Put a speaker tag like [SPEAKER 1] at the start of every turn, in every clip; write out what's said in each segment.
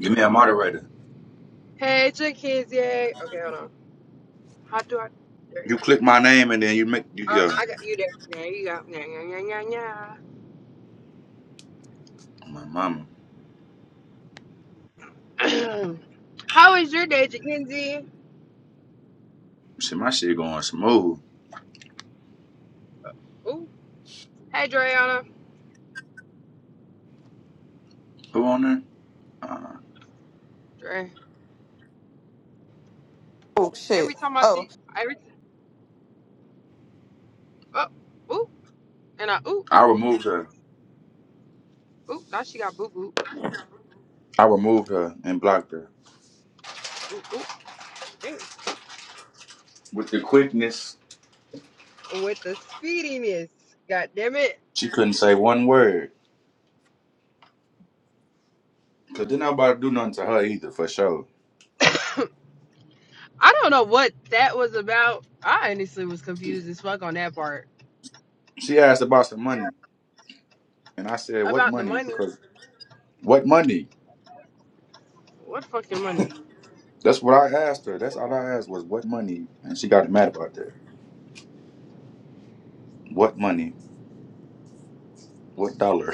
[SPEAKER 1] Give me a moderator.
[SPEAKER 2] Hey, Jackie. Okay, hold on. How do I? There you
[SPEAKER 1] You
[SPEAKER 2] go.
[SPEAKER 1] click my name and then you make you
[SPEAKER 2] Uh,
[SPEAKER 1] yeah.
[SPEAKER 2] I got you there. There you go. Yeah, yeah, yeah,
[SPEAKER 1] My mama.
[SPEAKER 2] yeah, yeah. How is your day, Jackie?
[SPEAKER 1] See my shit going smooth.
[SPEAKER 2] Ooh. Hey, Dreana.
[SPEAKER 1] Who on there?
[SPEAKER 2] Dre.
[SPEAKER 3] Oh
[SPEAKER 2] Every
[SPEAKER 3] shit.
[SPEAKER 2] time I
[SPEAKER 3] Oh,
[SPEAKER 2] see, every t- oh, ooh, and I ooh,
[SPEAKER 1] I removed her.
[SPEAKER 2] ooh. Now she got boo boo.
[SPEAKER 1] I removed her and blocked her.
[SPEAKER 2] Ooh, ooh. Damn.
[SPEAKER 1] With the quickness,
[SPEAKER 2] With the speediness. God damn it.
[SPEAKER 1] she couldn't say one word. Cause didn't nobody do nothing to her either for sure.
[SPEAKER 2] I don't know what that was about. I honestly was
[SPEAKER 1] She,
[SPEAKER 2] confused as fuck on that part
[SPEAKER 1] she asked about some money. And I said, What
[SPEAKER 2] about the
[SPEAKER 1] money?
[SPEAKER 2] money.
[SPEAKER 1] Because what money?
[SPEAKER 2] What fucking money?
[SPEAKER 1] That's what I asked her. That's all I asked was what money? And she got mad about that. What money? What dollar?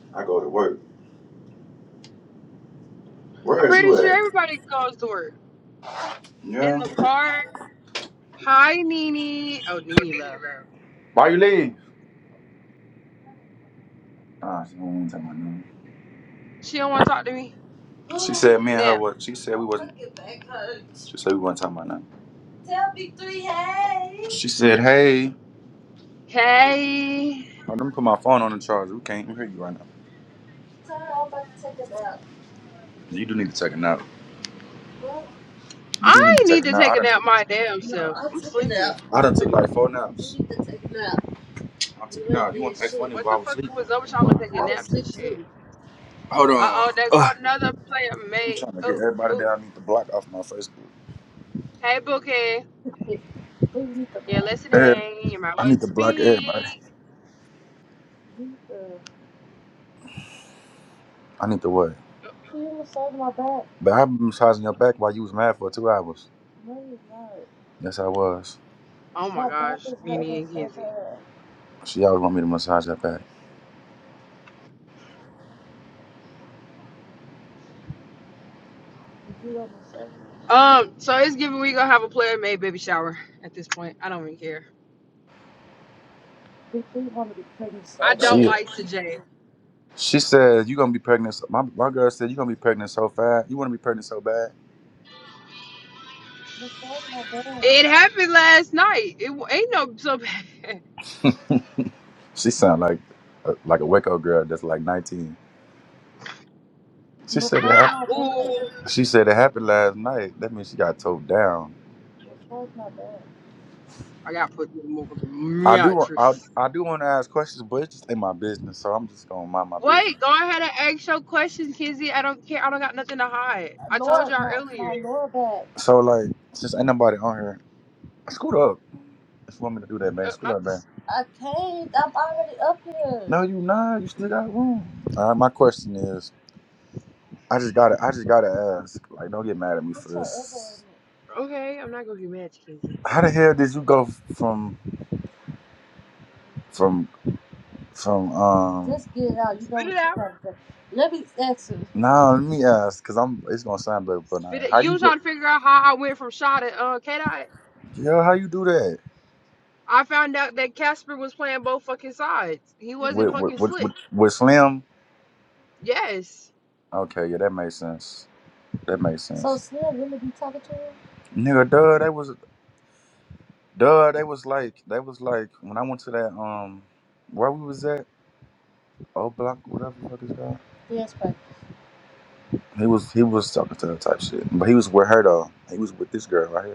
[SPEAKER 1] I go to work. Where
[SPEAKER 2] I'm
[SPEAKER 1] is
[SPEAKER 2] pretty
[SPEAKER 1] you
[SPEAKER 2] sure
[SPEAKER 1] at?
[SPEAKER 2] everybody goes to work. in
[SPEAKER 1] Yeah.
[SPEAKER 2] the car. Hi, Nene. Oh, Nene left.
[SPEAKER 1] Why you leave? Ah, she wasn't talking about nothing.
[SPEAKER 2] She don't want to talk to me.
[SPEAKER 1] She said me and her
[SPEAKER 2] Now,
[SPEAKER 1] were. She said we wasn't. She said we wasn't talking about nothing. Tell Big three hey. She said, "Hey, Oh,
[SPEAKER 2] hey,
[SPEAKER 1] let me put my phone on the charger. We can't even hear you right now. Tell her I'm about to take a nap. You do need to take a nap. What? You do need
[SPEAKER 2] I
[SPEAKER 1] to
[SPEAKER 2] need
[SPEAKER 1] take a
[SPEAKER 2] to
[SPEAKER 1] nap.
[SPEAKER 2] take
[SPEAKER 1] I
[SPEAKER 2] a
[SPEAKER 1] done
[SPEAKER 2] nap
[SPEAKER 1] took.
[SPEAKER 2] my damn
[SPEAKER 1] No,
[SPEAKER 2] self.
[SPEAKER 1] I
[SPEAKER 2] I'm
[SPEAKER 1] took a
[SPEAKER 2] sleepy.
[SPEAKER 1] nap. I done took like four naps. You need to take a nap. I took a nap. You want to take one
[SPEAKER 2] What
[SPEAKER 1] while I
[SPEAKER 2] the
[SPEAKER 1] was
[SPEAKER 2] fuck
[SPEAKER 1] asleep?
[SPEAKER 2] was up with
[SPEAKER 1] I
[SPEAKER 2] y'all and taking
[SPEAKER 1] was
[SPEAKER 2] naps and
[SPEAKER 1] asleep
[SPEAKER 2] shit?
[SPEAKER 1] too. Hold
[SPEAKER 2] Uh
[SPEAKER 1] on.
[SPEAKER 2] oh, there go
[SPEAKER 1] Ugh.
[SPEAKER 2] another player,
[SPEAKER 1] I'm
[SPEAKER 2] mate.
[SPEAKER 1] trying to get
[SPEAKER 2] Oh,
[SPEAKER 1] everybody
[SPEAKER 2] oh.
[SPEAKER 1] down. I need to block off my Facebook.
[SPEAKER 2] Hey, Bookie.
[SPEAKER 1] Wait, who you need to
[SPEAKER 2] You're
[SPEAKER 1] block? Every,
[SPEAKER 2] listening. You might
[SPEAKER 1] I
[SPEAKER 2] want
[SPEAKER 1] need
[SPEAKER 2] to
[SPEAKER 1] to block everybody.
[SPEAKER 2] speak.
[SPEAKER 1] You need to. I need to what? Can you massage my back? But I've been massaging your back while you was mad for two hours. No, you're not. Yes, I was.
[SPEAKER 2] Oh my
[SPEAKER 1] My back
[SPEAKER 2] gosh,
[SPEAKER 1] is
[SPEAKER 2] Nene
[SPEAKER 1] hurting
[SPEAKER 2] and
[SPEAKER 1] so
[SPEAKER 2] Kenzie.
[SPEAKER 1] bad. She always want me to massage her back. You don't massage me.
[SPEAKER 2] Um, so it's giving we gonna have a player made baby shower at this point. I don't even care.
[SPEAKER 1] You think you want to be pregnant
[SPEAKER 2] I
[SPEAKER 1] so She
[SPEAKER 2] don't
[SPEAKER 1] bad.
[SPEAKER 2] like
[SPEAKER 1] she
[SPEAKER 2] Sejay.
[SPEAKER 1] she said you gonna be pregnant. So, my my girl said you gonna be pregnant so fast. You wanna be pregnant so bad. Massage my back.
[SPEAKER 2] It happened last night. It wa- ain't no so bad.
[SPEAKER 1] She sound like a, like a Waco girl that's like 19. She said it Before
[SPEAKER 2] Ah,
[SPEAKER 1] happened. my bed.
[SPEAKER 2] Ooh,
[SPEAKER 1] She said it happened last night. That means she got towed down. Before My bed.
[SPEAKER 2] I got put in the
[SPEAKER 1] I do. wa- I
[SPEAKER 2] mattress.
[SPEAKER 1] I do want to ask questions, but it's just in my business, so I'm just gonna mind my business.
[SPEAKER 2] Wait, go ahead and ask your question, Kizzy. I don't care. I don't got nothing to hide. I told
[SPEAKER 1] Laura,
[SPEAKER 2] y'all
[SPEAKER 1] my
[SPEAKER 2] earlier.
[SPEAKER 1] my Laura bed. So like, since ain't nobody on here, scoot up. If you want me to do that, man,
[SPEAKER 2] Uh,
[SPEAKER 1] scoot
[SPEAKER 2] not
[SPEAKER 1] up, man.
[SPEAKER 2] this.
[SPEAKER 1] I I'm can't. I'm already up here. No, you not. You still got room. All right. My question is, I just gotta, I just gotta ask. Like, don't get mad at me Put for your elbow this.
[SPEAKER 2] Okay, I'm not gonna get mad, at you,
[SPEAKER 1] in
[SPEAKER 2] Kizzy.
[SPEAKER 1] it. How the hell did you go from from? from um Just get it out. You know
[SPEAKER 2] Spit
[SPEAKER 1] what
[SPEAKER 2] it
[SPEAKER 1] you're
[SPEAKER 2] out.
[SPEAKER 1] trying to say. Let me ask you. Now let me ask, cause I'm it's gonna sound better, but
[SPEAKER 2] Spit
[SPEAKER 1] I,
[SPEAKER 2] it.
[SPEAKER 1] how
[SPEAKER 2] You
[SPEAKER 1] you go?
[SPEAKER 2] trying to figure out how I went from shot at uh K Dot.
[SPEAKER 1] Yeah, how you do that
[SPEAKER 2] I found out that Casper was playing both fucking sides. He wasn't
[SPEAKER 1] with with
[SPEAKER 2] fucking
[SPEAKER 1] with, with,
[SPEAKER 2] slick.
[SPEAKER 1] with Slim?
[SPEAKER 2] Yes,
[SPEAKER 1] Okay, yeah, that makes sense. That makes sense. So sense. Slim really be talking to him? Nigga, duh, that was duh, that was like that was like when I went to that um where we was at O Block, whatever the fuck is that. Yes, but He was he was talking to her type shit, but he was with her though. He was with this girl right here.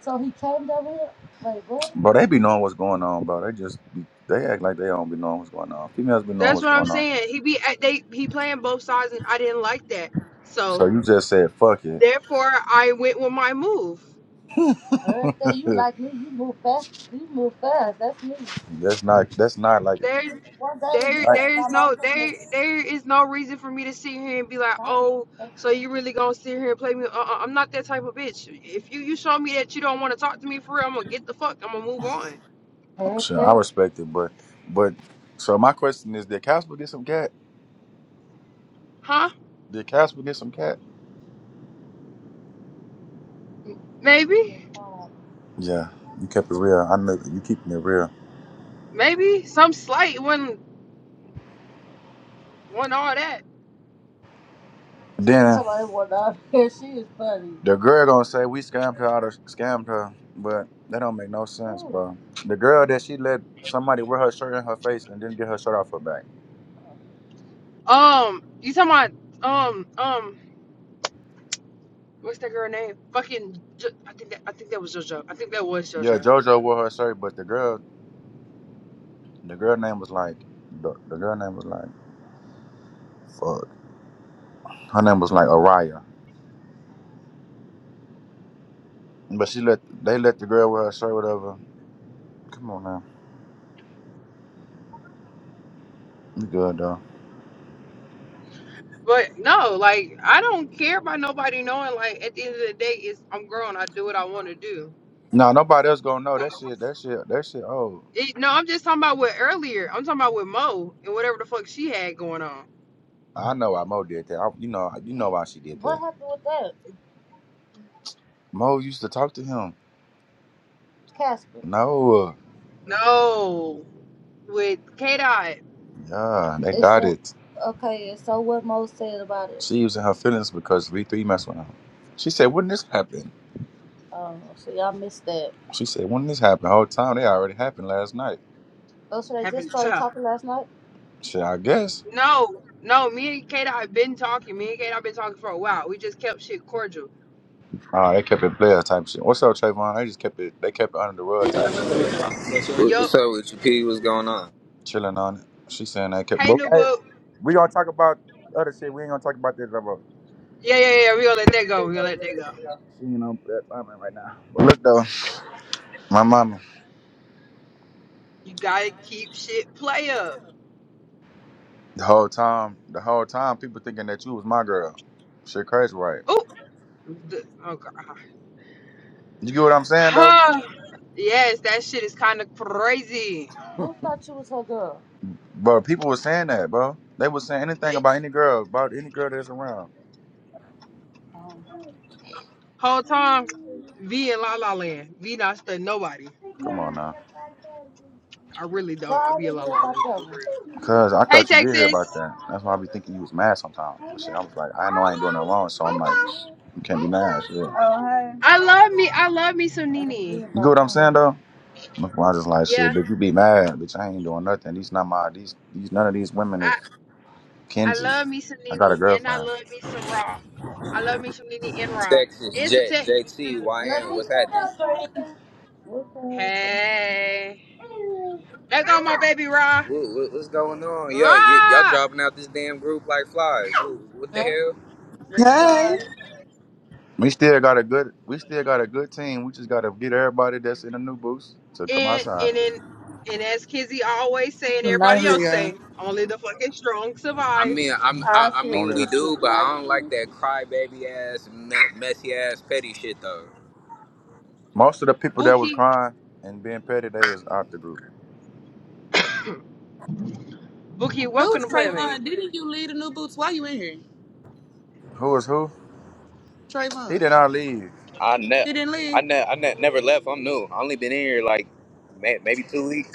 [SPEAKER 1] So he came down here. Wait, what? Bro, they be knowing what's going on, bro. They just be, they act like they don't be knowing what's going on. Females be knowing
[SPEAKER 2] that's
[SPEAKER 1] what's
[SPEAKER 2] what I'm
[SPEAKER 1] going on.
[SPEAKER 2] saying. He be at they he playing both sides, and I didn't like that. So
[SPEAKER 1] So you just said fuck it.
[SPEAKER 2] Therefore, I went with my move.
[SPEAKER 1] Everything you like me, you move fast. You move fast. That's me. that's not that's not like it.
[SPEAKER 2] There,
[SPEAKER 1] Give me one day to hear
[SPEAKER 2] there,
[SPEAKER 1] Like,
[SPEAKER 2] there
[SPEAKER 1] and
[SPEAKER 2] is
[SPEAKER 1] I'm
[SPEAKER 2] no there
[SPEAKER 1] always
[SPEAKER 2] there is no reason for me to sit here and be like, oh, so you really gonna sit here and play me? Uh-uh, I'm not that type of bitch. If you you show me that you don't want to talk to me for real, I'm gonna get the fuck. I'm gonna move on.
[SPEAKER 1] so I Everything. respect it, but but so my question is, did Casper get some cat?
[SPEAKER 2] Huh?
[SPEAKER 1] Did Casper get some cat?
[SPEAKER 2] Maybe,
[SPEAKER 1] Oh, Yeah, you kept it real. I know you keeping it real.
[SPEAKER 2] maybe some slight when when all that.
[SPEAKER 1] Then Somebody went out there. She is funny. the girl gonna say we scammed her, out of, scammed her, but that don't make no sense, Ooh. bro. The girl that she let somebody wear her shirt in her face and didn't get her shirt off her back.
[SPEAKER 2] Um, you talking about um um what's that girl name? Fucking, Jo- I think that I think that was JoJo. I think that was
[SPEAKER 1] Yeah,
[SPEAKER 2] JoJo.
[SPEAKER 1] JoJo wore her shirt, but the girl, the girl name was like, the, the girl name was like, fuck, her name was like Araya, but she let they let the girl wear her shirt, whatever. Come on now, you good though.
[SPEAKER 2] But no, like I don't care about nobody knowing. Like at the end of the day, it's I'm grown. I do what I want to do.
[SPEAKER 1] Nah, nobody else gonna know that shit. That shit. That shit. Oh,
[SPEAKER 2] It, no, I'm just talking about what earlier. I'm talking about with Mo and whatever the fuck she had going on.
[SPEAKER 1] I know why Mo did that. I, you know. You know why she did that. What happened with that? Mo used to talk to him. Casper. No,
[SPEAKER 2] No, with K Dot
[SPEAKER 1] yeah, they It's got so it. okay. So what Mo said about it? She was in her feelings because V three messed with him. She said, "When this happened?" Oh, so y'all missed that. She said, "When this happened?" The whole time they already happened last night. Oh, so they just
[SPEAKER 2] having
[SPEAKER 1] started
[SPEAKER 2] tough.
[SPEAKER 1] talking last night. Shit, I guess.
[SPEAKER 2] No, no, me and K Dot have been talking. Me and K Dot been talking for a while. We just kept shit cordial.
[SPEAKER 1] Oh, they kept it player type shit. What's up, Trayvon? They just kept it. They kept it under the rug type shit.
[SPEAKER 4] What-
[SPEAKER 2] Yup.
[SPEAKER 4] What's up with you, P? What's going on?
[SPEAKER 1] Chilling on it. She saying they kept.
[SPEAKER 2] Hey,
[SPEAKER 1] But
[SPEAKER 2] new
[SPEAKER 1] hey,
[SPEAKER 2] book.
[SPEAKER 1] we gonna talk about other shit. We ain't gonna talk about this no more.
[SPEAKER 2] Yeah, yeah, yeah. We gonna let that go. We gonna let that go.
[SPEAKER 1] She ain't on that time right now. But look though. My mama,
[SPEAKER 2] You gotta keep shit play up.
[SPEAKER 1] the whole time, the whole time, people thinking that you was my girl. Shit, crazy, right?
[SPEAKER 2] Oh, oh god.
[SPEAKER 1] You get what I'm saying, though,
[SPEAKER 2] Huh? yes, that shit is kind of crazy.
[SPEAKER 1] Who thought you was her girl? bro. People was saying that, bro. They was saying anything
[SPEAKER 2] They,
[SPEAKER 1] about any girl, about any girl that's around. Um,
[SPEAKER 2] whole time, V in La La Land. V not stunning nobody.
[SPEAKER 1] Come on now,
[SPEAKER 2] I really don't. I
[SPEAKER 1] why
[SPEAKER 2] be in
[SPEAKER 1] did
[SPEAKER 2] La
[SPEAKER 1] you hear
[SPEAKER 2] La
[SPEAKER 1] about
[SPEAKER 2] Land
[SPEAKER 1] that
[SPEAKER 2] for
[SPEAKER 1] one?
[SPEAKER 2] real.
[SPEAKER 1] cause I
[SPEAKER 2] Hey
[SPEAKER 1] thought you did hear about
[SPEAKER 2] Texas,
[SPEAKER 1] that. That's why I be thinking you was mad sometimes. But shit, I was like, I know I ain't doing nothing wrong, so I'm like, you can't be mad. Shit.
[SPEAKER 5] Oh, hey.
[SPEAKER 2] I love me. I love me some
[SPEAKER 1] I didn't hear You get
[SPEAKER 2] Nene.
[SPEAKER 1] about what I'm that. saying, one. though? That's why I just like shit,
[SPEAKER 2] Yeah,
[SPEAKER 1] bitch. You be mad, bitch. I ain't doing nothing. These not my these these none of these women is.
[SPEAKER 2] I I
[SPEAKER 1] Kenzie.
[SPEAKER 2] love me some
[SPEAKER 1] I got a
[SPEAKER 2] Nene, and I
[SPEAKER 1] girlfriend.
[SPEAKER 2] love me some Raw. I love me some Nene and Raw,
[SPEAKER 4] Texas
[SPEAKER 2] and some
[SPEAKER 4] Jet,
[SPEAKER 2] Texas
[SPEAKER 4] JT,
[SPEAKER 2] too.
[SPEAKER 1] Let
[SPEAKER 4] YN,
[SPEAKER 1] me
[SPEAKER 4] what's
[SPEAKER 1] tell the
[SPEAKER 4] happening?
[SPEAKER 1] story.
[SPEAKER 5] What's up?
[SPEAKER 2] Hey, there go my baby Raw.
[SPEAKER 4] What, what, what's going on? Yo, y- y'all
[SPEAKER 2] Raw.
[SPEAKER 4] dropping out this damn group like flies. What, what the
[SPEAKER 6] Hey,
[SPEAKER 4] hell?
[SPEAKER 5] This
[SPEAKER 6] hey.
[SPEAKER 5] side,
[SPEAKER 1] We still got a good we still got a good team. We just gotta get everybody that's in the new booth to come
[SPEAKER 2] And
[SPEAKER 1] outside.
[SPEAKER 2] and then and as Kizzy always say and
[SPEAKER 6] I'm not
[SPEAKER 2] everybody else
[SPEAKER 6] here.
[SPEAKER 2] say, only the fucking strong
[SPEAKER 4] I
[SPEAKER 2] survive.
[SPEAKER 4] mean, I'm,
[SPEAKER 5] I
[SPEAKER 4] I, I
[SPEAKER 5] said
[SPEAKER 4] mean,
[SPEAKER 1] Only
[SPEAKER 5] that
[SPEAKER 4] we
[SPEAKER 1] the
[SPEAKER 5] shit
[SPEAKER 4] do, but
[SPEAKER 5] and I
[SPEAKER 4] I don't like
[SPEAKER 5] can't
[SPEAKER 4] that
[SPEAKER 5] see.
[SPEAKER 4] crybaby ass, me- messy ass, petty shit though.
[SPEAKER 1] most of the people that was
[SPEAKER 2] Bookie,
[SPEAKER 1] crying and being petty they is out the group.
[SPEAKER 2] Bookie, welcome
[SPEAKER 6] Who's
[SPEAKER 2] to Playmate.
[SPEAKER 6] Trayvon? Didn't you leave the new boots? Why you in here?
[SPEAKER 1] Who is who? He did
[SPEAKER 6] Trayvon.
[SPEAKER 1] not leave.
[SPEAKER 4] I ne-
[SPEAKER 6] He didn't
[SPEAKER 4] I
[SPEAKER 6] leave.
[SPEAKER 4] ne- I ne- never left. I'm new. I only been in here like may- maybe two weeks.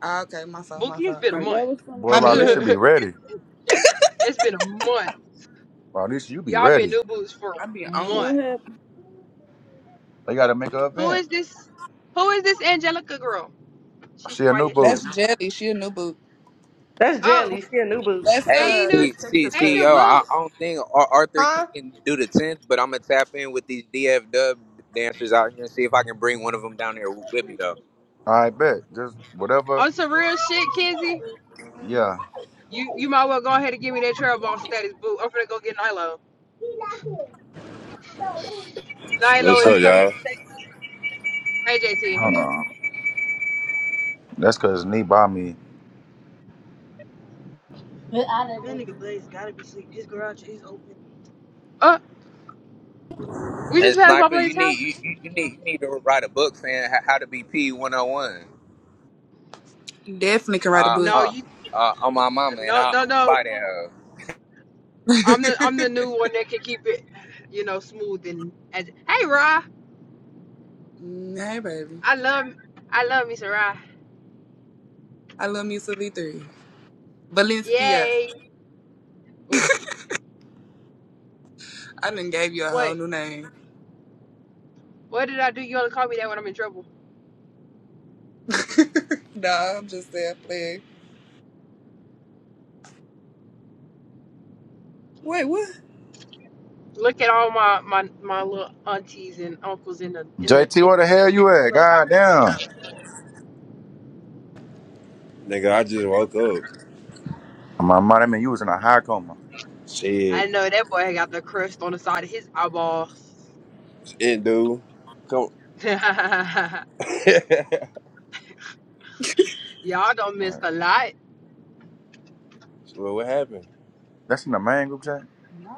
[SPEAKER 6] Ah, okay, my fault, my
[SPEAKER 2] Bookie, it's
[SPEAKER 6] fault.
[SPEAKER 2] been a
[SPEAKER 6] My
[SPEAKER 2] month.
[SPEAKER 5] That was
[SPEAKER 1] Boy,
[SPEAKER 6] my
[SPEAKER 5] somebody
[SPEAKER 6] B.
[SPEAKER 1] Riley should
[SPEAKER 5] else.
[SPEAKER 1] be
[SPEAKER 2] it's
[SPEAKER 1] ready.
[SPEAKER 2] been a month.
[SPEAKER 1] Riley, you be
[SPEAKER 2] Y'all been
[SPEAKER 1] ready.
[SPEAKER 2] new boots for
[SPEAKER 6] I be
[SPEAKER 2] a
[SPEAKER 6] on it.
[SPEAKER 5] What
[SPEAKER 2] month.
[SPEAKER 5] happened?
[SPEAKER 1] They gotta make an
[SPEAKER 2] Who
[SPEAKER 1] event.
[SPEAKER 2] is this? Who is this Angelica girl? She's
[SPEAKER 1] She a new
[SPEAKER 2] quiet.
[SPEAKER 1] boo.
[SPEAKER 6] That's Jelly. She a new boot.
[SPEAKER 7] That's
[SPEAKER 2] Oh,
[SPEAKER 7] Jelly. She a new boo.
[SPEAKER 6] That's
[SPEAKER 4] Hey,
[SPEAKER 2] hey
[SPEAKER 6] uh
[SPEAKER 2] new,
[SPEAKER 6] that's
[SPEAKER 4] see, see,
[SPEAKER 6] Texas
[SPEAKER 2] hey new
[SPEAKER 4] CEO.
[SPEAKER 6] cousin.
[SPEAKER 4] I,
[SPEAKER 2] boot.
[SPEAKER 4] I don't think Ar- Arthur can, can do the tenth, but I'm gonna tap in with these DF Dub dancers out here and see if I can bring one of them down there with me though.
[SPEAKER 1] I bet. Just whatever.
[SPEAKER 2] On some real shit, Kizzy.
[SPEAKER 1] Yeah.
[SPEAKER 2] You you might well go ahead and give me that trail ball status boot. I'm gonna go get Nilo. Nilo
[SPEAKER 8] What's
[SPEAKER 1] I,
[SPEAKER 2] is
[SPEAKER 8] up,
[SPEAKER 2] coming
[SPEAKER 8] y'all?
[SPEAKER 2] to Texas. Hey
[SPEAKER 9] Hold on.
[SPEAKER 1] hold
[SPEAKER 2] JT.
[SPEAKER 1] on. That's cause knee by me.
[SPEAKER 2] We
[SPEAKER 4] And
[SPEAKER 2] just passed my
[SPEAKER 4] Sniper,
[SPEAKER 2] Blade's
[SPEAKER 4] you need
[SPEAKER 2] house.
[SPEAKER 4] you, you you need you need to write a book saying how, how to be P 101.
[SPEAKER 6] Definitely can write a
[SPEAKER 4] Uh,
[SPEAKER 6] book.
[SPEAKER 2] No,
[SPEAKER 4] uh,
[SPEAKER 2] you,
[SPEAKER 4] uh, on my mama, and
[SPEAKER 2] no,
[SPEAKER 4] I,
[SPEAKER 2] no,
[SPEAKER 4] I'm gonna
[SPEAKER 2] no.
[SPEAKER 4] buy that. hoe.
[SPEAKER 2] I'm the I'm the new one that can keep it, you know, smooth and. and hey, Ra,
[SPEAKER 6] Mm, hey baby.
[SPEAKER 2] I love, I love me, some Ra.
[SPEAKER 6] I love me some V3. Valencia.
[SPEAKER 2] Yay. Oh,
[SPEAKER 6] I done gave you a whole
[SPEAKER 2] What?
[SPEAKER 6] new name.
[SPEAKER 2] What did I do? You only call me that when I'm in trouble.
[SPEAKER 6] nah, I'm just there playing. Wait, what
[SPEAKER 2] Look at all my my my little aunties and uncles in the in the
[SPEAKER 1] JT,
[SPEAKER 2] in
[SPEAKER 1] where the
[SPEAKER 2] the
[SPEAKER 1] hell
[SPEAKER 2] in
[SPEAKER 1] you
[SPEAKER 2] the
[SPEAKER 1] at? God
[SPEAKER 2] clubhouse.
[SPEAKER 1] damn.
[SPEAKER 8] Nigga, I just woke up.
[SPEAKER 1] My mind, I mean, you was in a high coma.
[SPEAKER 2] I
[SPEAKER 8] Shit.
[SPEAKER 2] know that boy got the crust on the side of his eyeballs.
[SPEAKER 8] It, dude. Come.
[SPEAKER 2] Y'all don't
[SPEAKER 1] All
[SPEAKER 2] miss
[SPEAKER 1] right.
[SPEAKER 2] a lot.
[SPEAKER 8] well, what happened?
[SPEAKER 1] That's in the main group chat? No.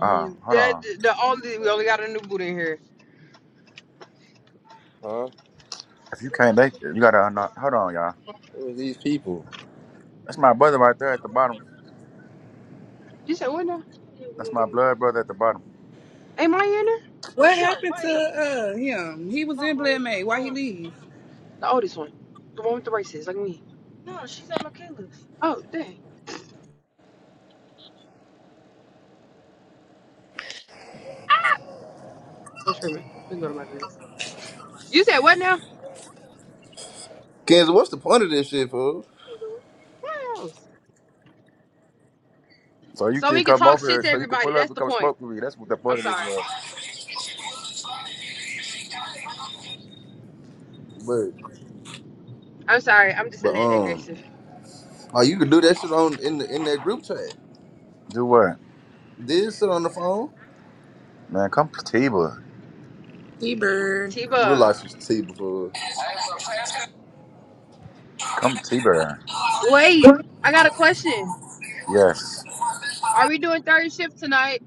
[SPEAKER 1] Uh, hold
[SPEAKER 2] That
[SPEAKER 1] on.
[SPEAKER 2] the only we only got a new boot in here.
[SPEAKER 8] Huh?
[SPEAKER 1] If you can't, they you gotta unlock. Hold on, y'all.
[SPEAKER 8] Who are these people?
[SPEAKER 1] That's my brother right there at the bottom.
[SPEAKER 2] You said what now?
[SPEAKER 1] That's my blood brother at the bottom.
[SPEAKER 2] Ain't mine in there?
[SPEAKER 6] what happened to uh him? He was in Blood May. Why he
[SPEAKER 2] Oh,
[SPEAKER 6] leave?
[SPEAKER 2] the oldest one, the one with the braces, like me. Oh, dang! Ah! I'm screaming. We can go to my crib. You said what now?
[SPEAKER 10] Kansas, what's the point of this shit, fool?
[SPEAKER 2] What else?
[SPEAKER 1] So you
[SPEAKER 2] So
[SPEAKER 1] can
[SPEAKER 2] we can
[SPEAKER 1] come
[SPEAKER 2] talk
[SPEAKER 1] over
[SPEAKER 2] shit
[SPEAKER 1] here,
[SPEAKER 2] to
[SPEAKER 1] so you can
[SPEAKER 2] everybody.
[SPEAKER 1] pull up
[SPEAKER 2] That's
[SPEAKER 1] and
[SPEAKER 2] the
[SPEAKER 1] come
[SPEAKER 2] point.
[SPEAKER 1] smoke with me. That's what the
[SPEAKER 2] I'm
[SPEAKER 1] point of this
[SPEAKER 2] sorry.
[SPEAKER 1] was.
[SPEAKER 10] But
[SPEAKER 2] I'm sorry. I'm just a
[SPEAKER 10] but
[SPEAKER 2] little
[SPEAKER 10] um,
[SPEAKER 2] aggressive.
[SPEAKER 10] oh, you can do that shit on in the in that group chat.
[SPEAKER 1] Do what,
[SPEAKER 10] Did shit on the phone.
[SPEAKER 1] man? Come to Tiba.
[SPEAKER 6] bird,
[SPEAKER 10] You look like
[SPEAKER 2] Tiba,
[SPEAKER 10] some tea before.
[SPEAKER 1] Come to Tiba.
[SPEAKER 2] wait. I got a question.
[SPEAKER 1] Yes,
[SPEAKER 2] Are we doing third shift tonight?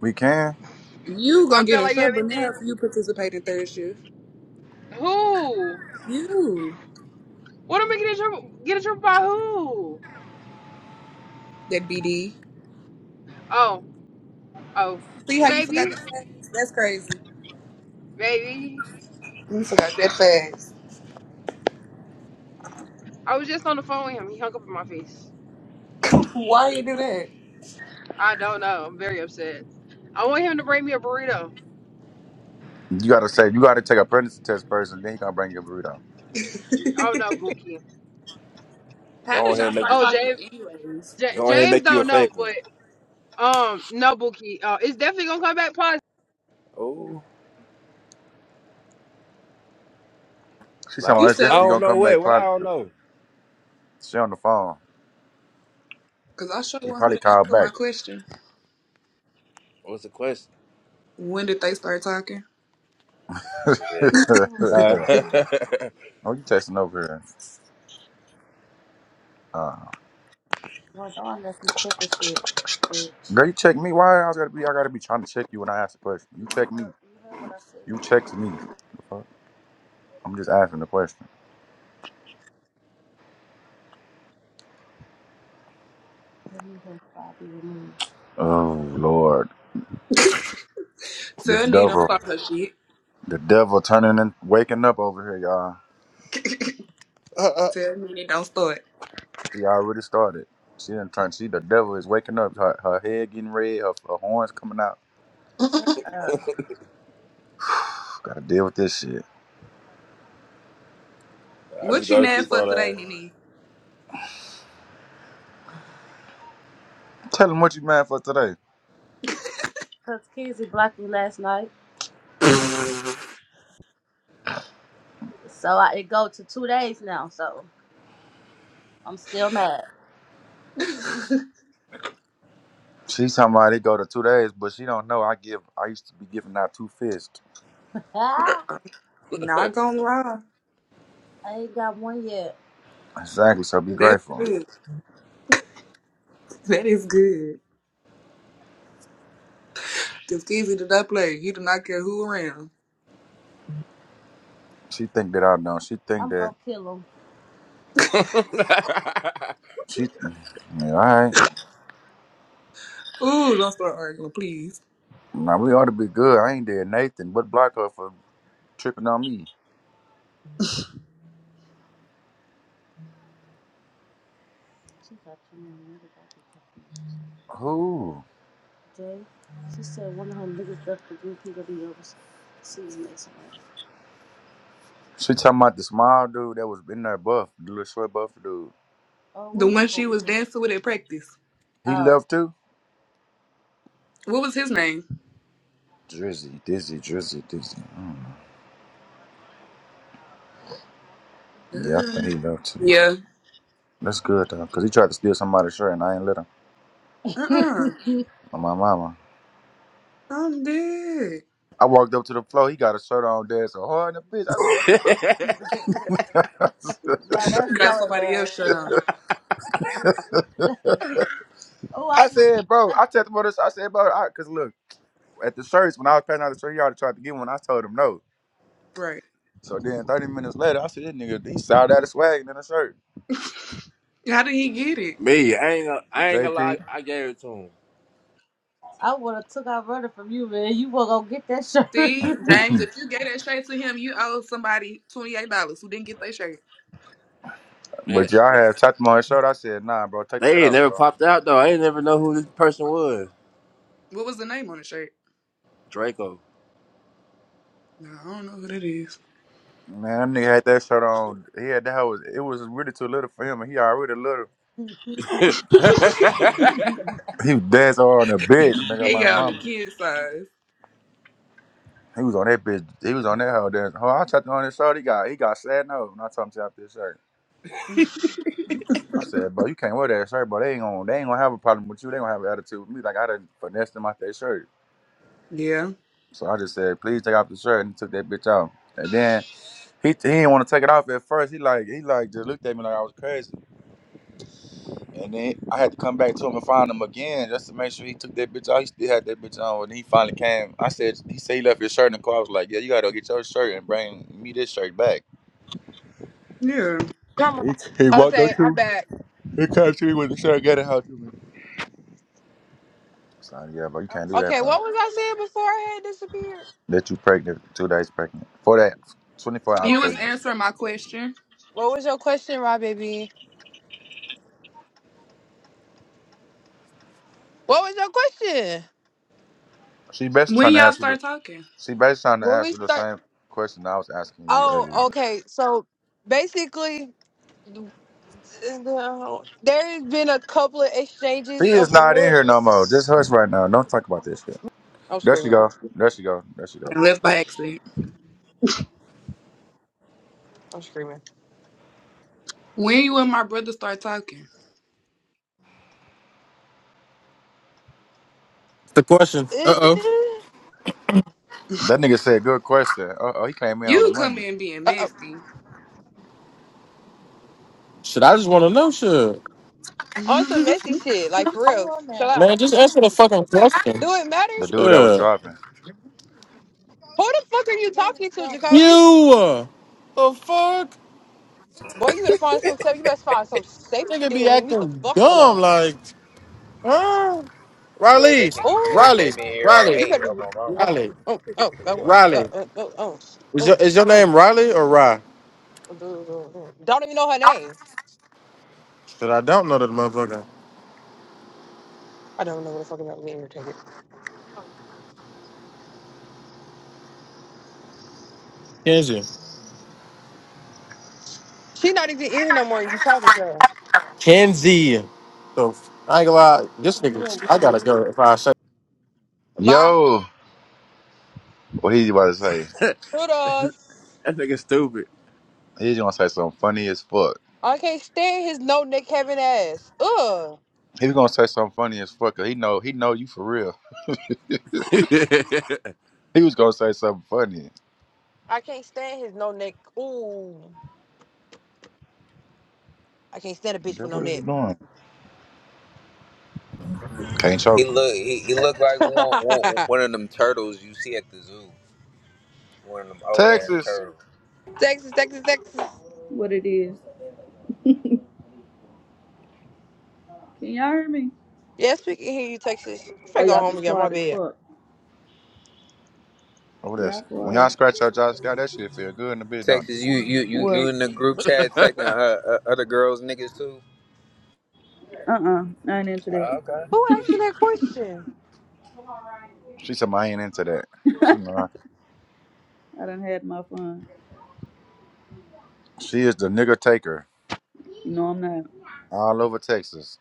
[SPEAKER 1] we can.
[SPEAKER 6] you
[SPEAKER 2] I
[SPEAKER 6] gonna get
[SPEAKER 2] feel
[SPEAKER 6] in
[SPEAKER 2] like
[SPEAKER 6] trouble now
[SPEAKER 2] everything.
[SPEAKER 6] if you participate in third shift.
[SPEAKER 2] Who?
[SPEAKER 6] You,
[SPEAKER 2] What am I getting in trouble? Get in trouble by who?
[SPEAKER 6] that BD.
[SPEAKER 2] Oh, oh,
[SPEAKER 6] See how you forgot that
[SPEAKER 2] maybe,
[SPEAKER 6] fast? That's crazy.
[SPEAKER 2] maybe.
[SPEAKER 6] You forgot that fast.
[SPEAKER 2] I was just on the phone with him. He hung up in my face.
[SPEAKER 6] Why you do that?
[SPEAKER 2] I don't know. I'm very upset. I want him to bring me a burrito.
[SPEAKER 1] You gotta say you gotta take a pregnancy test first, and then he gonna bring your burrito.
[SPEAKER 2] Oh no, Bookie.
[SPEAKER 6] how
[SPEAKER 8] Go
[SPEAKER 6] did
[SPEAKER 8] ahead
[SPEAKER 6] y'all
[SPEAKER 8] and make
[SPEAKER 6] start
[SPEAKER 2] Oh
[SPEAKER 6] talking
[SPEAKER 2] James,
[SPEAKER 6] anyways?
[SPEAKER 2] J-
[SPEAKER 8] Go ahead and
[SPEAKER 2] James
[SPEAKER 8] make you a
[SPEAKER 2] don't know,
[SPEAKER 8] fake one.
[SPEAKER 2] but um, no Bookie. Uh, it's definitely gonna come back positive.
[SPEAKER 8] Oh,
[SPEAKER 1] She said, "Well,
[SPEAKER 6] You
[SPEAKER 8] loud.
[SPEAKER 1] it's
[SPEAKER 6] said
[SPEAKER 8] I
[SPEAKER 1] definitely
[SPEAKER 8] don't
[SPEAKER 6] what?
[SPEAKER 1] gonna
[SPEAKER 8] know
[SPEAKER 1] come
[SPEAKER 8] what.
[SPEAKER 1] back
[SPEAKER 8] What I don't
[SPEAKER 1] positive."
[SPEAKER 8] know.
[SPEAKER 1] She on the phone.
[SPEAKER 6] Cause I sure
[SPEAKER 1] He
[SPEAKER 6] want her
[SPEAKER 1] probably
[SPEAKER 6] to
[SPEAKER 1] called
[SPEAKER 6] answer my
[SPEAKER 1] back.
[SPEAKER 6] question.
[SPEAKER 8] What's the question?
[SPEAKER 6] When did they start talking?
[SPEAKER 8] Shit. Uh,
[SPEAKER 1] Oh, you texting over here. Uh, Well, no one doesn't check this shit, bitch. girl, you check me. Why I gotta be? I gotta be trying to check you when I ask a question. You You check me. heard, you heard what I said. You check me. The fuck? I'm just asking the question. Let me just body remove. Oh Lord, this
[SPEAKER 6] Tell Nene don't
[SPEAKER 1] devil,
[SPEAKER 6] start her shit.
[SPEAKER 1] the devil turning and waking up over here, y'all.
[SPEAKER 6] Tell Nene don't start.
[SPEAKER 1] She already started. She didn't turn. See, the devil is waking up. Her, her head getting red. Her, her horns coming out. Shut up. Gotta deal with this shit.
[SPEAKER 8] I just
[SPEAKER 6] What you
[SPEAKER 8] go to
[SPEAKER 6] mad
[SPEAKER 8] sleep
[SPEAKER 6] for today,
[SPEAKER 8] on that.
[SPEAKER 6] Nene?
[SPEAKER 1] Tell him what you mad for today. Cause Kizzy blocked me last night, so I, it go to two days now. So I'm still mad. She's talking about it go to two days, but she don't know. I give. I used to be giving out two fists. Ah,
[SPEAKER 6] Not gonna lie.
[SPEAKER 1] I ain't got one yet. Exactly. So be
[SPEAKER 6] That's
[SPEAKER 1] grateful.
[SPEAKER 6] good. That is good. Cause Kizzy did not play. He did not care who around.
[SPEAKER 1] She think that I know. She think I'm that I'm gonna kill him. she. Yeah, all right.
[SPEAKER 6] Ooh, don't start arguing, please.
[SPEAKER 1] Now we ought to be good. I ain't did Nathan, but block her for tripping on me. She got too many niggas out there. Who? Jay, she said one of her niggas left the group. He gonna be over season next month. She talking about the small dude that was in there buff, the little short buff dude. Oh,
[SPEAKER 6] The
[SPEAKER 1] where he
[SPEAKER 6] one she
[SPEAKER 1] going?
[SPEAKER 6] was dancing with at practice.
[SPEAKER 1] He Oh, left too?
[SPEAKER 6] What was his name?
[SPEAKER 1] Drizzy, Dizzy, Drizzy, Dizzy. I don't know. Yeah, I think
[SPEAKER 6] Um,
[SPEAKER 1] he left too.
[SPEAKER 6] yeah.
[SPEAKER 1] That's good though, cause he tried to steal somebody's shirt and I ain't let him.
[SPEAKER 6] Uh-uh.
[SPEAKER 1] On my mama.
[SPEAKER 6] I'm dead.
[SPEAKER 1] I walked up to the floor, he got a shirt on there. So hard in the bitch. I said, now that's
[SPEAKER 6] Got
[SPEAKER 1] so
[SPEAKER 6] somebody else shut
[SPEAKER 1] embarrassing.
[SPEAKER 6] on.
[SPEAKER 1] Oh, I I said, bro, I checked him on this. I said, bro, I, cause look, at the church when I was passing out the church yard to try to get one. I told him no.
[SPEAKER 6] Right.
[SPEAKER 1] So then 30 minutes later, I see this nigga, he sold out his swag in the shirt.
[SPEAKER 6] How did he get it?
[SPEAKER 8] Me, I ain't gonna, I ain't gonna lie.
[SPEAKER 1] JT.
[SPEAKER 8] I gave it to him.
[SPEAKER 1] I would have took our running from you, man. You were gonna get that shirt.
[SPEAKER 6] See, James, if you gave that shirt to him, you owe somebody $28 who didn't get their shirt.
[SPEAKER 8] Man,
[SPEAKER 1] but y'all had chopped him on his shirt. I said, nah, bro, take that
[SPEAKER 8] they ain't
[SPEAKER 1] out,
[SPEAKER 8] never
[SPEAKER 1] bro.
[SPEAKER 8] popped out though. I ain't never know who this person was.
[SPEAKER 6] What was the name on the shirt?
[SPEAKER 8] Draco.
[SPEAKER 6] No, I don't know who that is.
[SPEAKER 1] Man, that nigga had that shirt on. He had that was it was really too little for him and he already little.
[SPEAKER 8] that
[SPEAKER 1] He was dancing on the bitch, nigga,
[SPEAKER 6] It
[SPEAKER 1] my
[SPEAKER 6] got on the
[SPEAKER 1] mama.
[SPEAKER 6] kid size.
[SPEAKER 1] He was on that bitch. He was on that hoe dancing. Oh, I chopped him on his shirt. He got he got sad no. When I told him to out this shirt. I said, bro, you can't wear that shirt, bro. They ain't gonna they ain't gonna have a problem with you. They gonna have an attitude with me. Like I done finessed them out that shirt.
[SPEAKER 6] Yeah.
[SPEAKER 1] So I just said, please take off the shirt and he took that bitch off. And then he he didn't want to take it off at first. He like he like just looked at me like I was crazy. And then I had to come back to him and find him again just to make sure he took that bitch off. He still had that bitch on. And he finally came. I said he said he left his shirt in the car. I was like, yeah, you gotta go get your shirt and bring me this shirt back.
[SPEAKER 6] Yeah.
[SPEAKER 2] Come
[SPEAKER 1] He, he
[SPEAKER 2] on.
[SPEAKER 1] walked
[SPEAKER 2] Okay,
[SPEAKER 1] up to
[SPEAKER 2] I'm
[SPEAKER 1] me.
[SPEAKER 2] back.
[SPEAKER 1] He came to me with the shirt, got it out to me. I was like, yeah, bro, you can't do that,
[SPEAKER 2] Okay,
[SPEAKER 1] bro.
[SPEAKER 2] what was I saying before I had disappeared?
[SPEAKER 1] that you pregnant, two days pregnant. For that, 24
[SPEAKER 2] Two
[SPEAKER 1] hours
[SPEAKER 2] four
[SPEAKER 6] You was
[SPEAKER 1] pregnant.
[SPEAKER 2] days.
[SPEAKER 6] answering my question.
[SPEAKER 2] What was your question, Rob baby? What was your question?
[SPEAKER 1] She basically
[SPEAKER 6] When
[SPEAKER 1] trying to
[SPEAKER 6] y'all
[SPEAKER 1] ask you the,
[SPEAKER 6] start talking?
[SPEAKER 1] she basically trying to
[SPEAKER 2] When
[SPEAKER 1] ask
[SPEAKER 2] we
[SPEAKER 1] you the
[SPEAKER 2] start
[SPEAKER 1] same question I was asking you
[SPEAKER 2] Oh,
[SPEAKER 1] earlier.
[SPEAKER 2] okay. So basically there's been a couple of
[SPEAKER 1] She
[SPEAKER 2] exchanges of
[SPEAKER 1] is not in here
[SPEAKER 2] looks.
[SPEAKER 1] no more. Just hush right now. Don't talk about this shit.
[SPEAKER 2] I'm
[SPEAKER 1] There she
[SPEAKER 2] screaming.
[SPEAKER 1] go. There she go. There she go.
[SPEAKER 6] and left by accident.
[SPEAKER 2] I'm screaming.
[SPEAKER 6] When you and my brother start talking,
[SPEAKER 11] The question.
[SPEAKER 2] Uh,
[SPEAKER 11] Uh oh.
[SPEAKER 1] That nigga said good question. Uh oh, he came in on the
[SPEAKER 6] you come
[SPEAKER 1] money.
[SPEAKER 6] in being
[SPEAKER 2] uh,
[SPEAKER 6] messy.
[SPEAKER 11] Shit, I just want to know. Shit,
[SPEAKER 2] on some messy shit, like for
[SPEAKER 1] Who
[SPEAKER 2] real.
[SPEAKER 1] on
[SPEAKER 2] Chill
[SPEAKER 1] there?
[SPEAKER 2] out.
[SPEAKER 11] man, just answer the fucking question.
[SPEAKER 2] Do it matter?
[SPEAKER 1] The dude that was
[SPEAKER 11] Shit.
[SPEAKER 1] driving.
[SPEAKER 2] Who the fuck are you
[SPEAKER 1] Who was
[SPEAKER 2] talking to,
[SPEAKER 1] driving?
[SPEAKER 2] Jacoby?
[SPEAKER 11] You uh, the fuck
[SPEAKER 2] Boy, you better find some stuff. You better find some safe to
[SPEAKER 11] nigga
[SPEAKER 2] do
[SPEAKER 11] be
[SPEAKER 2] and leave me the
[SPEAKER 11] acting
[SPEAKER 2] fuck
[SPEAKER 11] dumb
[SPEAKER 2] alone.
[SPEAKER 11] like huh?
[SPEAKER 4] Boy,
[SPEAKER 11] Riley,
[SPEAKER 4] that nigga ca-
[SPEAKER 2] Oh,
[SPEAKER 11] Riley,
[SPEAKER 4] came in here on
[SPEAKER 11] Riley,
[SPEAKER 2] you
[SPEAKER 4] eight
[SPEAKER 2] better.
[SPEAKER 4] on
[SPEAKER 2] Be,
[SPEAKER 4] my
[SPEAKER 2] oh
[SPEAKER 4] mama.
[SPEAKER 2] my.
[SPEAKER 11] Riley,
[SPEAKER 2] Oh, oh, oh, oh,
[SPEAKER 11] Riley.
[SPEAKER 2] oh, oh, oh, oh,
[SPEAKER 11] Is your
[SPEAKER 2] oh.
[SPEAKER 11] is your
[SPEAKER 2] oh.
[SPEAKER 11] name Riley or Rye?
[SPEAKER 2] oh. Don't even know her name.
[SPEAKER 11] Shit, I don't know that motherfucker.
[SPEAKER 2] I don't know what the fuck about me irritated.
[SPEAKER 11] Kenzie.
[SPEAKER 2] She not even in here no more. You talking to her?
[SPEAKER 11] Kenzie. So I ain't gonna lie, this nigga. I gotta go if I say.
[SPEAKER 2] Bye.
[SPEAKER 1] Yo, what he about to say?
[SPEAKER 2] Toodles.
[SPEAKER 8] nigga stupid.
[SPEAKER 1] He's gonna say something funny as fuck.
[SPEAKER 2] I can't stand his no neck having ass. Ugh.
[SPEAKER 1] He was gonna say something funny as fuck. 'cause he know he know you for real. He was gonna say something funny.
[SPEAKER 2] I can't stand his no neck. Ooh, I can't stand a bitch
[SPEAKER 1] Girl,
[SPEAKER 2] with no
[SPEAKER 1] what is you
[SPEAKER 2] neck.
[SPEAKER 1] doing? Can't choke
[SPEAKER 4] He
[SPEAKER 1] him.
[SPEAKER 4] look he, he look like one, one one of them turtles you see at the zoo. One of them old ass
[SPEAKER 1] Texas.
[SPEAKER 4] turtles.
[SPEAKER 2] Texas, Texas, Texas.
[SPEAKER 5] What it is? Can y'all hear me?
[SPEAKER 2] Yes, we can hear you, Texas.
[SPEAKER 5] Oh,
[SPEAKER 2] I'm finna go
[SPEAKER 5] y'all
[SPEAKER 2] home and
[SPEAKER 5] just
[SPEAKER 2] get on my
[SPEAKER 5] quiet as
[SPEAKER 2] bed.
[SPEAKER 5] fuck.
[SPEAKER 1] Oh,
[SPEAKER 5] Y'all
[SPEAKER 1] that's when y'all
[SPEAKER 5] quiet.
[SPEAKER 1] scratch out Josh Scott. That shit feel good in the bitch, don't it?
[SPEAKER 4] Texas, you you you you
[SPEAKER 5] What?
[SPEAKER 4] in the group chat taking uh, uh, other girls niggas too?
[SPEAKER 5] Uh-uh. I ain't into that.
[SPEAKER 4] Uh, okay.
[SPEAKER 2] Who asked that question?
[SPEAKER 1] She said, "I ain't into that." She know I-
[SPEAKER 5] I done had my fun.
[SPEAKER 1] She is the nigga taker
[SPEAKER 5] No, I'm not.
[SPEAKER 1] all over Texas.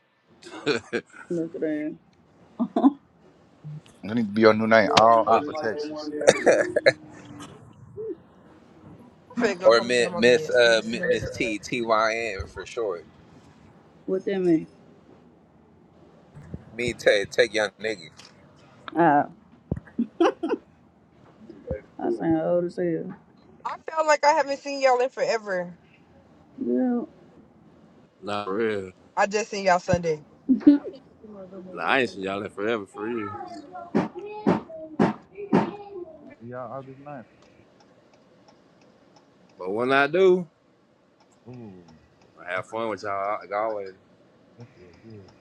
[SPEAKER 5] Look at that.
[SPEAKER 1] That need to be your new name all
[SPEAKER 4] Uh,
[SPEAKER 1] over Texas.
[SPEAKER 2] I'm finna go
[SPEAKER 4] or
[SPEAKER 2] home and get
[SPEAKER 4] Miss
[SPEAKER 2] on my
[SPEAKER 4] Miss
[SPEAKER 2] bed. I'm
[SPEAKER 4] uh,
[SPEAKER 2] so
[SPEAKER 4] Mi- Miss
[SPEAKER 2] nervous.
[SPEAKER 4] T T Y N for short.
[SPEAKER 5] what that mean?
[SPEAKER 4] Me take take young niggas
[SPEAKER 5] Ah, I sound old as hell.
[SPEAKER 2] I feel like I haven't seen y'all in forever.
[SPEAKER 5] Yeah.
[SPEAKER 8] nah, for real.
[SPEAKER 2] I just seen y'all Sunday.
[SPEAKER 8] Nah, I ain't seen y'all in forever, for real.
[SPEAKER 1] Yeah, August 9th.
[SPEAKER 8] But when I do,
[SPEAKER 1] Ooh,
[SPEAKER 8] I have fun with y'all like always.
[SPEAKER 1] that feel good.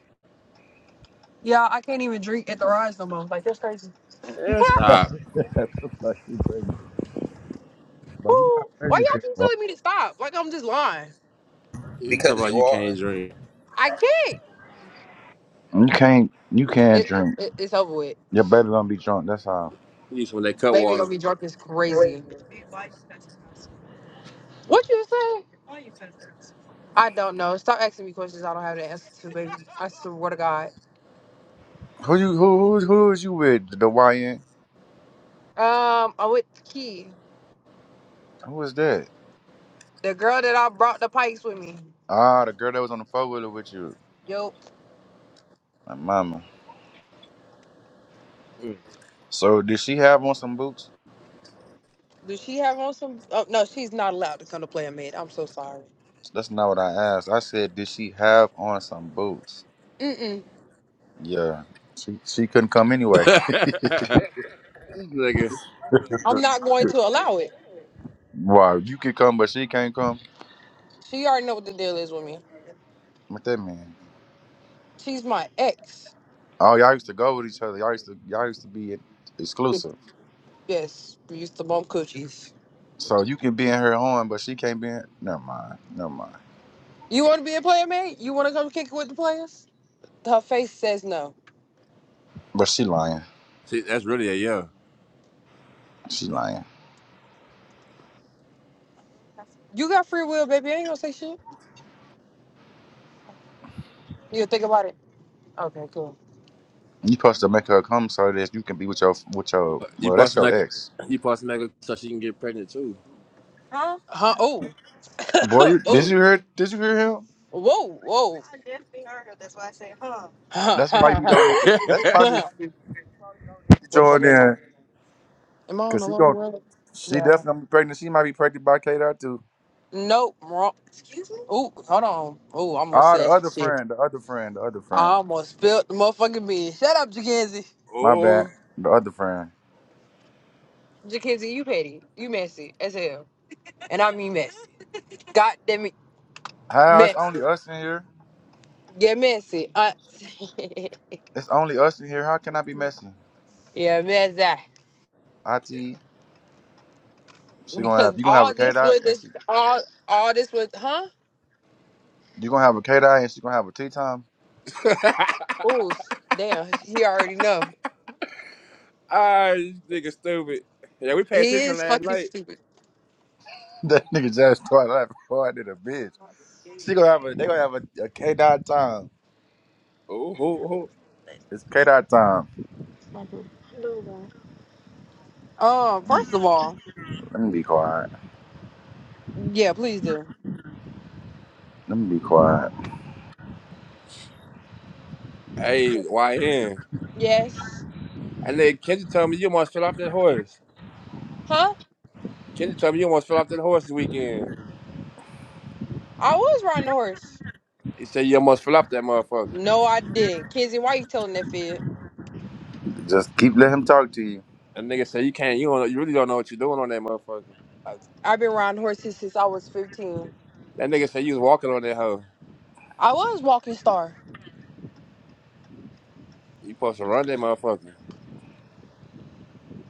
[SPEAKER 2] Yeah, I can't even drink at the rise no more. Like that's crazy. Woo.
[SPEAKER 8] Yeah, stop.
[SPEAKER 1] that looks like you pregnant. But you not
[SPEAKER 2] Why
[SPEAKER 1] pregnant
[SPEAKER 2] y'all
[SPEAKER 1] yet,
[SPEAKER 2] keep
[SPEAKER 1] bro.
[SPEAKER 2] telling me to stop? Like I'm just lying.
[SPEAKER 8] You talk
[SPEAKER 4] because
[SPEAKER 8] about
[SPEAKER 4] you
[SPEAKER 8] you
[SPEAKER 4] are.
[SPEAKER 8] can't drink.
[SPEAKER 2] I can't.
[SPEAKER 1] You can't. You can't
[SPEAKER 2] It,
[SPEAKER 1] drink.
[SPEAKER 2] it it's over with.
[SPEAKER 1] Your baby gonna be drunk. That's how.
[SPEAKER 8] You need some of that cut
[SPEAKER 2] Baby gonna
[SPEAKER 8] water.
[SPEAKER 2] be drunk is crazy. What you say? I don't know. Stop asking me questions I don't have the answer to, baby. I swear to God.
[SPEAKER 1] Who you? Who? Who, who is you with? The YN.
[SPEAKER 2] Um, I'm with Key,
[SPEAKER 1] Who is that?
[SPEAKER 2] the girl that I brought the pikes with me.
[SPEAKER 1] Ah, the girl that was on the four wheeler with you.
[SPEAKER 2] Yo,
[SPEAKER 1] My mama.
[SPEAKER 8] Mm.
[SPEAKER 1] So did she have on some boots?
[SPEAKER 2] does she have on some? Oh no, she's not allowed to come to play a mid. I'm so sorry.
[SPEAKER 1] That's not what I asked. I said, did she have on some boots?
[SPEAKER 2] Mm mm.
[SPEAKER 1] Yeah. She she couldn't come anyway.
[SPEAKER 8] this nigga,
[SPEAKER 2] I'm not going to allow it.
[SPEAKER 1] wow, you could come, but she can't come.
[SPEAKER 2] She already know what the deal is with me.
[SPEAKER 1] With that man.
[SPEAKER 2] She's my ex.
[SPEAKER 1] Oh, y'all used to go with each other. Y'all used to y'all used to be exclusive.
[SPEAKER 2] Yes, we used to bump coochies.
[SPEAKER 1] So you can be in her horn, but she can't be in never mind. Never mind.
[SPEAKER 2] You want to be a player mate? You want to come kick it with the players? Her face says no.
[SPEAKER 1] But she lying.
[SPEAKER 8] see, that's really a yeah.
[SPEAKER 1] She lying.
[SPEAKER 2] You got free will, baby. I ain't gonna say shit. You think about it. Okay, cool.
[SPEAKER 1] You supposed to make her come so that you can be with your with your
[SPEAKER 8] You
[SPEAKER 1] well, that's
[SPEAKER 8] busting
[SPEAKER 1] your
[SPEAKER 8] like,
[SPEAKER 1] ex.
[SPEAKER 8] you busting like so she can get pregnant too.
[SPEAKER 2] Huh? Oh,
[SPEAKER 1] Boy, you, did
[SPEAKER 2] oh,
[SPEAKER 1] you hear did you hear him?
[SPEAKER 2] whoa, whoa. I I definitely heard her. That's why I said,
[SPEAKER 1] That's why you
[SPEAKER 2] huh.
[SPEAKER 1] don't need to. That's probably
[SPEAKER 2] what the fuck
[SPEAKER 1] join
[SPEAKER 2] am I?
[SPEAKER 1] in
[SPEAKER 2] Am I on
[SPEAKER 1] because
[SPEAKER 2] the
[SPEAKER 1] she
[SPEAKER 2] wrong
[SPEAKER 1] gon'
[SPEAKER 2] road?
[SPEAKER 1] she
[SPEAKER 2] Yeah.
[SPEAKER 1] definitely gonna be pregnant. She might be pregnant by K dot too.
[SPEAKER 2] Nope. Wrong. Ooh, hold on. Ooh, I almost
[SPEAKER 1] Ah, the
[SPEAKER 2] said some
[SPEAKER 1] other
[SPEAKER 2] shit.
[SPEAKER 1] friend, the other friend, the other
[SPEAKER 2] I
[SPEAKER 1] friend.
[SPEAKER 2] almost spilled the motherfucking beans. Shut up, Jackenzie.
[SPEAKER 1] My bad,
[SPEAKER 8] oh.
[SPEAKER 1] the other friend.
[SPEAKER 2] Jackenzie, you petty. You messy as hell. And I mean messy. God damn it,
[SPEAKER 1] How it's
[SPEAKER 2] messy.
[SPEAKER 1] only us in here.
[SPEAKER 2] Yeah, messy. Uh,
[SPEAKER 1] It's only us in here. How can I be messy?
[SPEAKER 2] yeah, messy.
[SPEAKER 1] It she gonna
[SPEAKER 2] Because
[SPEAKER 1] have you gonna have a
[SPEAKER 2] all
[SPEAKER 1] K
[SPEAKER 2] this
[SPEAKER 1] dot
[SPEAKER 2] was
[SPEAKER 1] and
[SPEAKER 2] this
[SPEAKER 1] she
[SPEAKER 2] all all this was, huh?
[SPEAKER 1] you gonna have a K dot and she gonna have a tea time.
[SPEAKER 2] Oh, s- damn. He already know.
[SPEAKER 8] Ah, this nigga stupid. Yeah, we paid
[SPEAKER 2] He
[SPEAKER 8] attention
[SPEAKER 2] is
[SPEAKER 8] last
[SPEAKER 2] fucking
[SPEAKER 8] night.
[SPEAKER 2] stupid.
[SPEAKER 1] That nigga just started laughing before I did a bitch. She gonna have a they gonna have a, a K dot time.
[SPEAKER 8] Oh, who, who?
[SPEAKER 1] It's K dot time.
[SPEAKER 2] Um, first
[SPEAKER 1] Mm,
[SPEAKER 2] of all,
[SPEAKER 1] Let me be quiet.
[SPEAKER 2] yeah, please do.
[SPEAKER 1] Let me be quiet.
[SPEAKER 8] Hey, YN.
[SPEAKER 2] Yes.
[SPEAKER 8] And then Kendrick told me you almost fell off that horse.
[SPEAKER 2] Huh?
[SPEAKER 8] Kendrick told me you almost fell off that horse this weekend.
[SPEAKER 2] I was riding the horse.
[SPEAKER 8] He said you almost fell off that motherfucker.
[SPEAKER 2] No, I didn't. Kenzie, why you telling that fib?
[SPEAKER 1] Just keep let him talk to you.
[SPEAKER 8] That nigga said you can't, you don't, you really don't know what you're doing on that motherfucker.
[SPEAKER 2] I've been riding horses since I was 15.
[SPEAKER 8] That nigga said you was walking on that hoe.
[SPEAKER 2] I was walking star.
[SPEAKER 8] You supposed to run that motherfucker.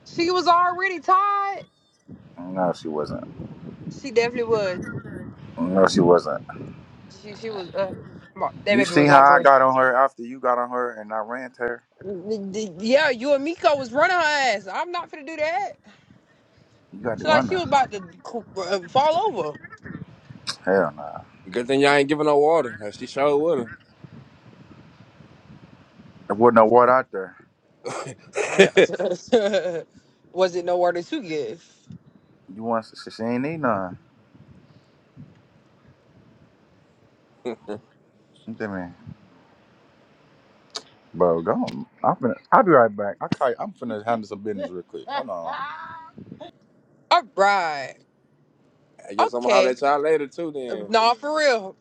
[SPEAKER 2] She was already tired.
[SPEAKER 1] No, she wasn't.
[SPEAKER 2] She definitely was.
[SPEAKER 1] No, she wasn't.
[SPEAKER 2] She, she was, uh, my- that
[SPEAKER 1] You
[SPEAKER 2] baby
[SPEAKER 1] see
[SPEAKER 2] was
[SPEAKER 1] how
[SPEAKER 2] out of
[SPEAKER 1] I
[SPEAKER 2] breath.
[SPEAKER 1] got on her after you got on her and I ran to her?
[SPEAKER 2] N- n- Yeah, you and Miko was running her ass. I'm not finna do that.
[SPEAKER 1] You got to
[SPEAKER 2] She like
[SPEAKER 1] run
[SPEAKER 2] she
[SPEAKER 1] her.
[SPEAKER 2] was about to c- uh, fall over.
[SPEAKER 1] Hell nah.
[SPEAKER 8] Good thing y'all ain't giving no water. She showed with
[SPEAKER 1] There wasn't no water out there.
[SPEAKER 2] Yeah.
[SPEAKER 8] her.
[SPEAKER 2] Was it nowhere to give?
[SPEAKER 1] You want she, she ain't need none. Look at me. Bro, go on. I'm finna, I'll be right back. I call you, I'm finna handle some business real quick. Hold on.
[SPEAKER 2] All right.
[SPEAKER 8] I guess I'm gonna holler
[SPEAKER 2] Okay.
[SPEAKER 8] at y'all later too then.
[SPEAKER 2] No, for real.